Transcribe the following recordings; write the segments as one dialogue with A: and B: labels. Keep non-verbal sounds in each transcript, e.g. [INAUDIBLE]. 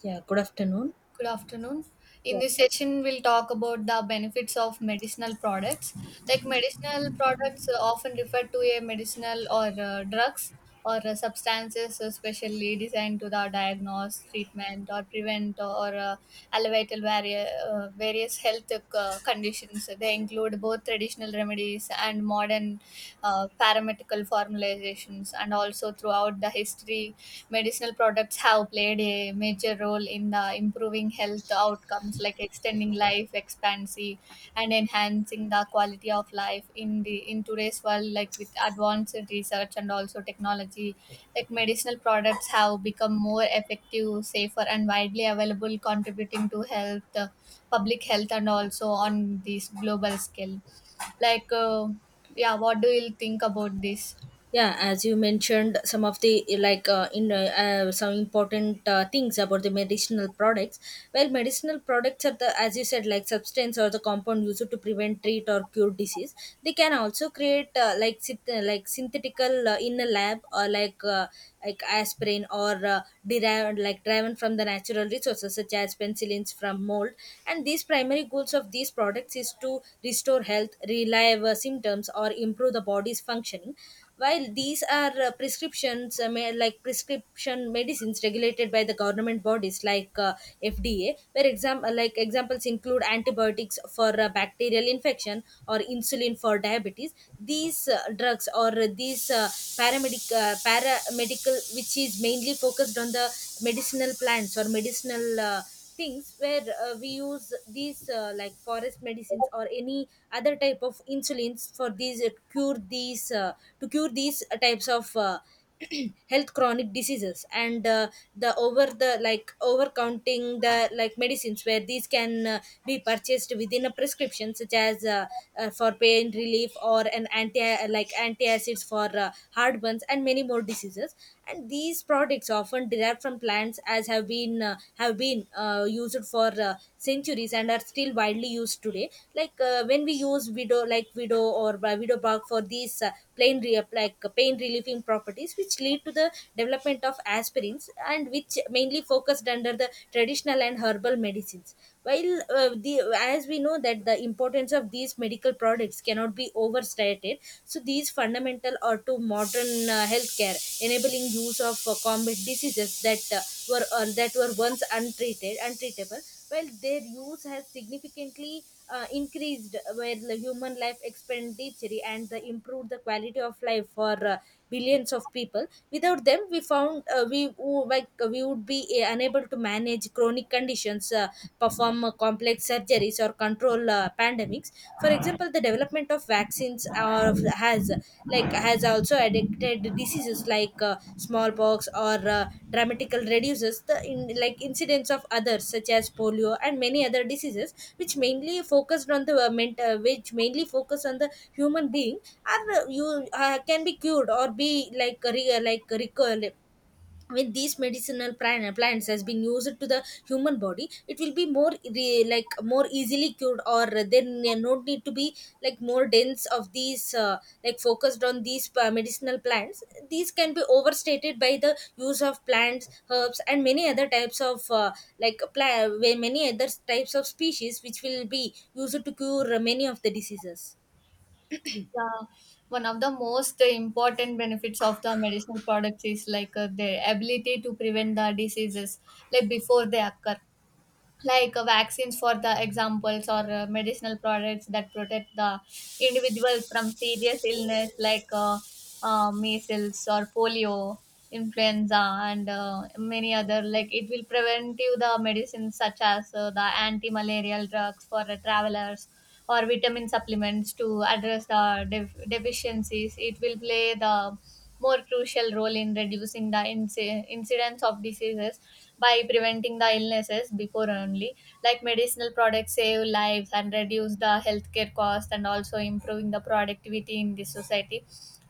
A: Yeah, good afternoon.
B: Good afternoon. In
A: Yeah,
B: this session, we'll talk about the benefits of medicinal products. Medicinal products often referred to a medicinal or drugs or substances specially designed to the diagnose, treatment, or prevent or alleviate vari- various health conditions. They include both traditional remedies and modern paramedical formalizations, and also throughout the history, medicinal products have played a major role in the improving health outcomes, like extending life expectancy and enhancing the quality of life in the in today's world like with advanced research and also technology, like medicinal products have become more effective, safer, and widely available, contributing to health public health and also on this global scale. like uh, yeah, what do you think about this?
A: yeah, as you mentioned some of the like in some important things about the medicinal products. Well, medicinal products are the, as you said, like substance or the compound used to prevent, treat or cure disease. They can also create, like synthetical, in a lab, or like aspirin, or derived, like driven from the natural resources such as penicillins from mold. And these primary goals of these products is to restore health, relieve symptoms or improve the body's functioning. While these are prescriptions, may, like prescription medicines regulated by the government bodies like FDA, where examples include antibiotics for bacterial infection or insulin for diabetes. These drugs, or these paramedical, which is mainly focused on the medicinal plants or medicinal things, where we use these like forest medicines or any other type of insulins for these cure these to cure these types of [CLEARS THROAT] health chronic diseases. And uh, the over the, like over counting the, like medicines, where these can be purchased within a prescription, such as for pain relief, or an anti, like antacids for heartburns and many more diseases. And these products often derived from plants, as have been used for centuries and are still widely used today. Like when we use widow, like widow or widow bark for these plain re- like pain relieving properties, which lead to the development of aspirins, and which mainly focused under the traditional and herbal medicines. While the As we know that the importance of these medical products cannot be overstated, so these fundamental or to modern healthcare, enabling use of combat diseases that were, that were once untreated, untreatable. Well, their use has significantly increased, where the human life expenditure and the improved the quality of life for billions of people. Without them, we found we wo- like we would be unable to manage chronic conditions, perform complex surgeries or control pandemics. For example, the development of vaccines, has, like has also addicted diseases like smallpox, or dramatical reduces the in, like incidence of others such as polio and many other diseases, which mainly focus on the human being, are you can be cured or be like re- like recur. With these plants has been used to the human body, it will be more re- like more easily cured, or there no need to be like more dense of these like focused on these medicinal plants. These can be overstated by the use of plants, herbs and many other types of many other types of species which will be used to cure many of the diseases.
B: Yeah, one of the most important benefits of the medicinal products is like their ability to prevent the diseases like before they occur, like vaccines for the examples, or medicinal products that protect the individuals from serious illness, like measles or polio, influenza, and many other, like it will prevent you the medicines such as the anti-malarial drugs for the travelers or vitamin supplements to address the deficiencies. It will play the more crucial role in reducing the incidence of diseases by preventing the illnesses before only. Like, medicinal products save lives and reduce the healthcare cost, and also improving the productivity in the society.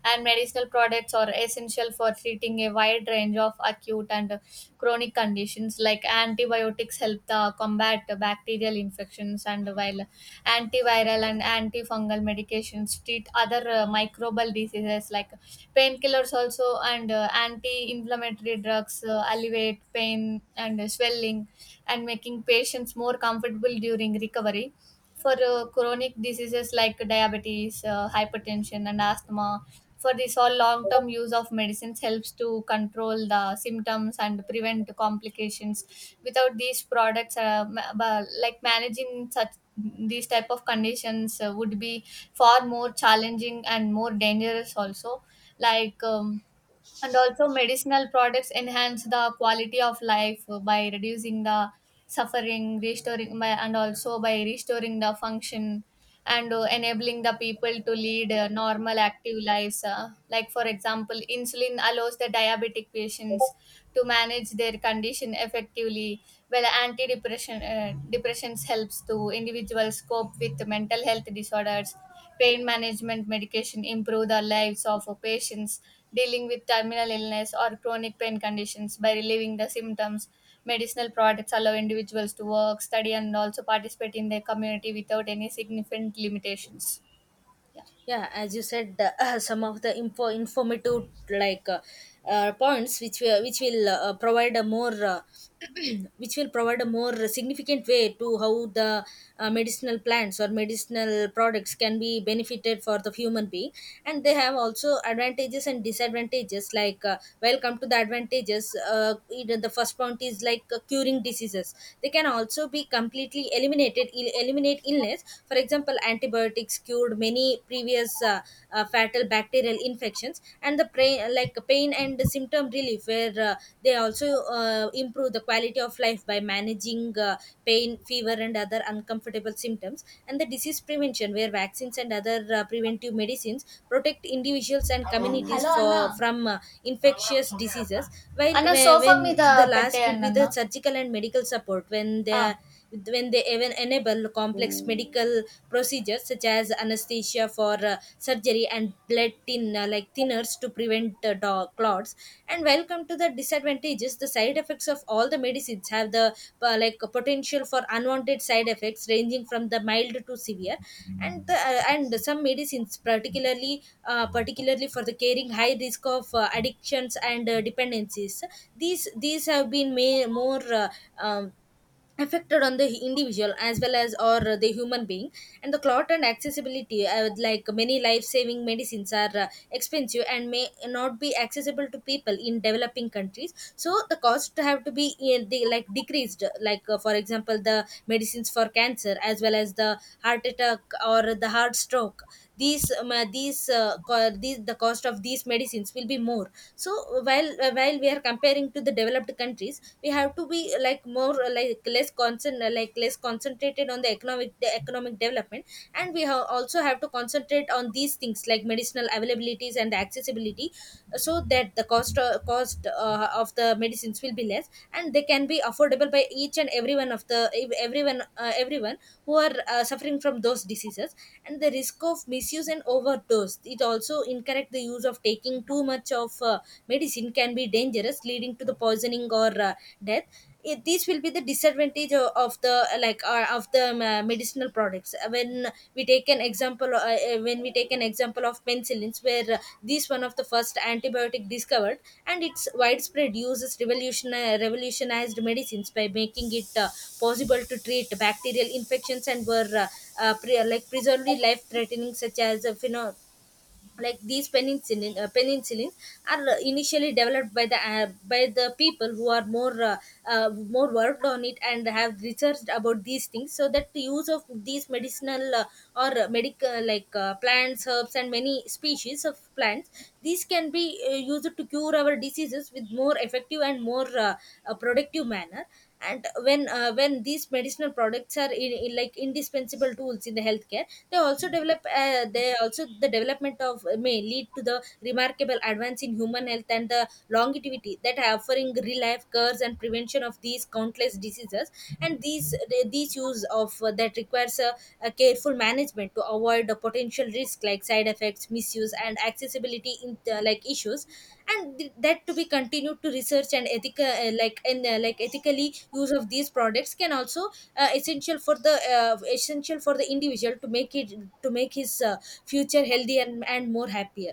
B: And medicinal products are essential for treating a wide range of acute and chronic conditions, like antibiotics help the combat bacterial infections, and while antiviral and antifungal medications treat other microbial diseases, like painkillers also and anti-inflammatory drugs alleviate pain and swelling and making patients more comfortable during recovery. For chronic diseases like diabetes, hypertension, and asthma, for this all long term use of medicines helps to control the symptoms and prevent complications. Without these products, managing such these type of conditions would be far more challenging and more dangerous also. like um, and also medicinal products enhance the quality of life by reducing the suffering, restoring by, and also by restoring the function and enabling the people to lead normal active lives. Like, for example, insulin allows the diabetic patients to manage their condition effectively. Well, antidepressant depressions helps to individuals cope with mental health disorders. Pain management medication improve the lives of patients dealing with terminal illness or chronic pain conditions by relieving the symptoms. Medicinal products allow individuals to work, study, and also participate in their community without any significant limitations. Yeah.
A: Yeah, as you said, [CLEARS THROAT] some of the informative points, which we, which will provide a more [CLEARS THROAT] which will provide a more significant way to how the medicinal plants or medicinal products can be benefited for the human being. And they have also advantages and disadvantages. Like well, come to the advantages, either the first point is like curing diseases. They can also be completely eliminate illness. For example, antibiotics cured many previous fatal bacterial infections. And the pain and symptom relief, where they also improve the quality of life by managing pain, fever, and other uncomfortable symptoms. And the disease prevention, where vaccines and other preventive medicines protect individuals and communities
B: Hello, Anna.
A: for from infectious
B: అన్న
A: diseases.
B: అన్న sofa
A: When
B: మీద
A: the last will
B: పెట్టేయండి
A: be
B: అన్న
A: the surgical and medical support,
B: ఆ.
A: when they even enable complex medical procedures such as anesthesia for surgery, and blood thinners to prevent clots. And welcome to the disadvantages. The side effects of all the medicines have the like potential for unwanted side effects ranging from the mild to severe. And some medicines, particularly for the caring, high risk of addictions and dependencies. These have been, may, more um, affected on the individual as well as or the human being. And the clot and accessibility, like many life-saving medicines are expensive and may not be accessible to people in developing countries, so the cost have to be decreased. Like for example, the medicines for cancer as well as the heart attack or the heart stroke, these, the cost of these medicines will be more. So while we are comparing to the developed countries, we have to be like more like less concern like less concentrated on the economic, the economic development, and we have also have to concentrate on these things like medicinal availabilities and accessibility, so that the cost of the medicines will be less and they can be affordable by each and every one of the everyone, everyone who are suffering from those diseases. And the risk of misuse and overdose, it also incorrect, the use of taking too much of medicine can be dangerous, leading to the poisoning or death. These will be the disadvantage of the medicinal products. When we take an example of penicillins, where this one of the first antibiotic discovered, and its widespread use is revolutionized medicines by making it possible to treat bacterial infections, and were preserved life threatening, such as pheno- like these penicillin penicillin are initially developed by the, by the people who are more worked on it and have researched about these things, so that the use of these medicinal or medical, like plants, herbs and many species of plants, these can be used to cure our diseases with more effective and more productive manner. And when these medicinal products are, in like indispensable tools in the healthcare, they also development of may lead to the remarkable advance in human health and the longevity that are offering real life cures and prevention of these countless diseases. And these use of that requires a careful management to avoid the potential risk like side effects, misuse and accessibility in like issues. And that to be continued to research and ethically use of these products can also essential for the individual to make it to make his future healthy and more happier.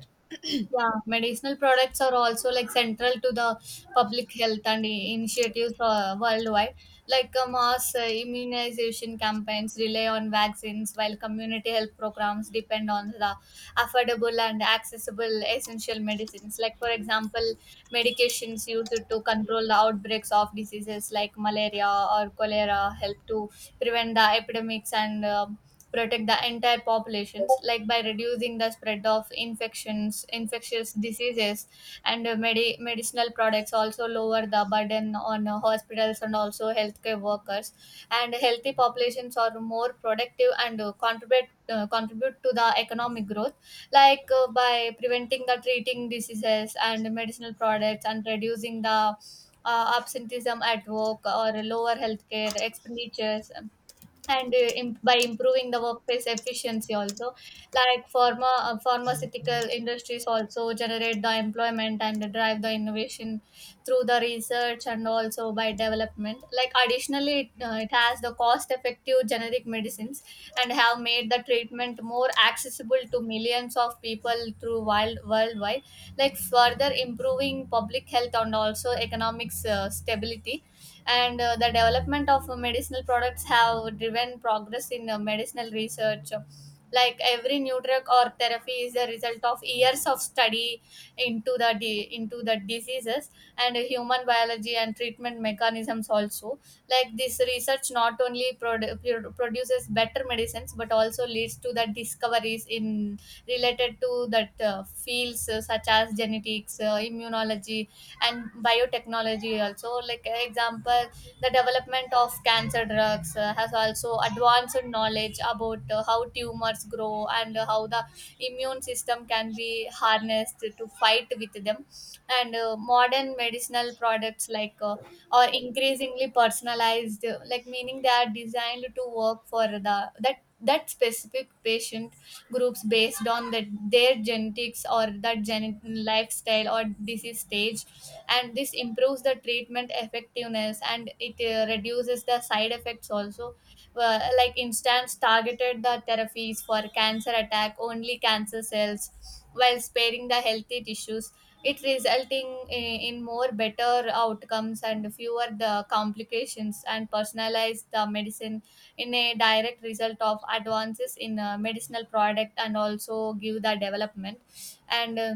B: Yeah, medicinal products are also like central to the public health and initiatives worldwide. Like mass immunization campaigns rely on vaccines, while community health programs depend on the affordable and accessible essential medicines. Like, for example, medications used to control the outbreaks of diseases like malaria or cholera help to prevent the epidemics and protect the entire populations, like by reducing the spread of infections infectious diseases. And medicinal products also lower the burden on hospitals and also healthcare workers, and healthy populations are more productive and contribute to the economic growth. Like, by preventing the treating diseases and medicinal products and reducing the absenteeism at work or lower healthcare expenditures, and by improving the workplace efficiency also. Like pharmaceutical industries also generate the employment and drive the innovation through the research and also by development. Like additionally it has the cost effective generic medicines and have made the treatment more accessible to millions of people through wild worldwide, like further improving public health and also economics stability. And the development of medicinal products have driven progress in medicinal research. Like every new drug or therapy is the result of years of study into the diseases and human biology and treatment mechanisms also. Like this research not only produces better medicines but also leads to the discoveries in related to that fields such as genetics, immunology, and biotechnology also. Like example, the development of cancer drugs has also advanced knowledge about how tumors grow and how the immune system can be harnessed to fight with them. And modern medicinal products are increasingly personalized, like meaning they are designed to work for the that specific patient groups based on that their genetics or lifestyle or disease stage. And this improves the treatment effectiveness and it reduces the side effects also. Like, instance, targeted the therapies for cancer attack only cancer cells while sparing the healthy tissues, it resulting in more better outcomes and fewer the complications, and personalize the medicine in a direct result of advances in medicinal product and also give the development. And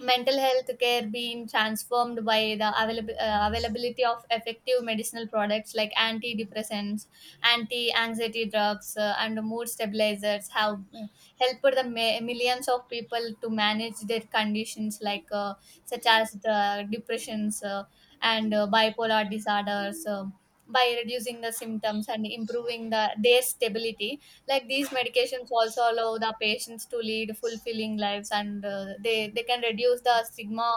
B: mental health care being transformed by the availability of effective medicinal products like antidepressants, anti-anxiety drugs, and mood stabilizers have helped the millions of people to manage their conditions, like such as the depressions and bipolar disorders, by reducing the symptoms and improving the their stability. Like these medications also allow the patients to lead fulfilling lives, and they can reduce the stigma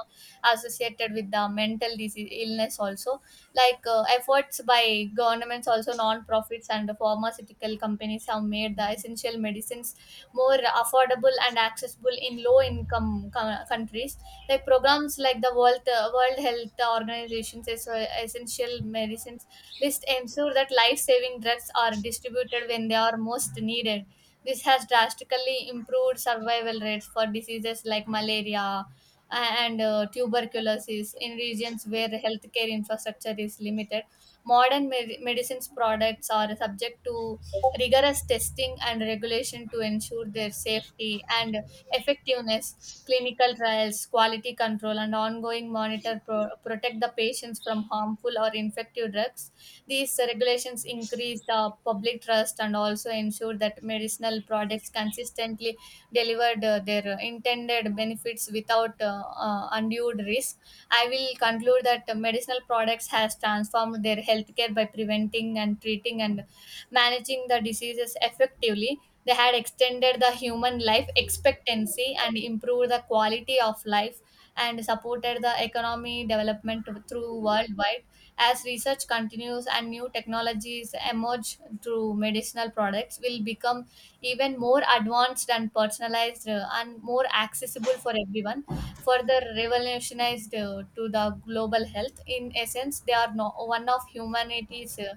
B: associated with the mental disease illness also. Like efforts by governments also non-profits and pharmaceutical companies have made the essential medicines more affordable and accessible in low income countries. Like programs like the World Health Organizations is essential medicines list ensure that life-saving drugs are distributed when they are most needed. This has drastically improved survival rates for diseases like malaria and tuberculosis in regions where healthcare infrastructure is limited. Modern medicines products are subject to rigorous testing and regulation to ensure their safety and effectiveness. Clinical trials, quality control, and ongoing monitor protect the patients from harmful or infective drugs. These regulations increase the public trust and also ensure that medicinal products consistently delivered their intended benefits without undue risk. I will conclude that medicinal products has transformed their healthcare by preventing and treating and managing the diseases effectively. They had extended the human life expectancy and improved the quality of life and supported the economy development through worldwide. As research continues and new technologies emerge through medicinal products, will become even more advanced and personalized and more accessible for everyone, further revolutionized to the global health. In essence, they are no, one of humanity's uh,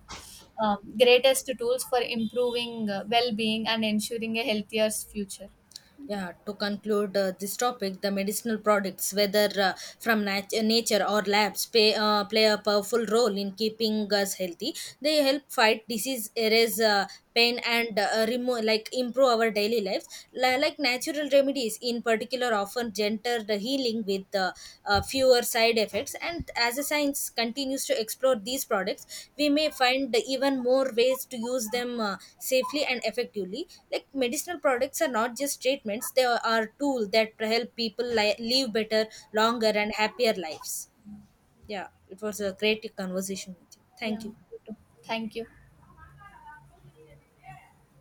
B: um, greatest tools for improving well-being and ensuring a healthier future.
A: Yeah, to conclude this topic, the medicinal products, whether nature or labs, play a powerful role in keeping us healthy. They help fight disease, erase pain, and remove like improve our daily lives. Like natural remedies, in particular, often gentler the healing with fewer side effects. And as a science continues to explore these products, we may find even more ways to use them safely and effectively. Like medicinal products are not just treatments, are tools that help people live better, longer and happier lives. Yeah, it was a great conversation with you. Thank
B: Yeah.
A: you.
B: Thank you.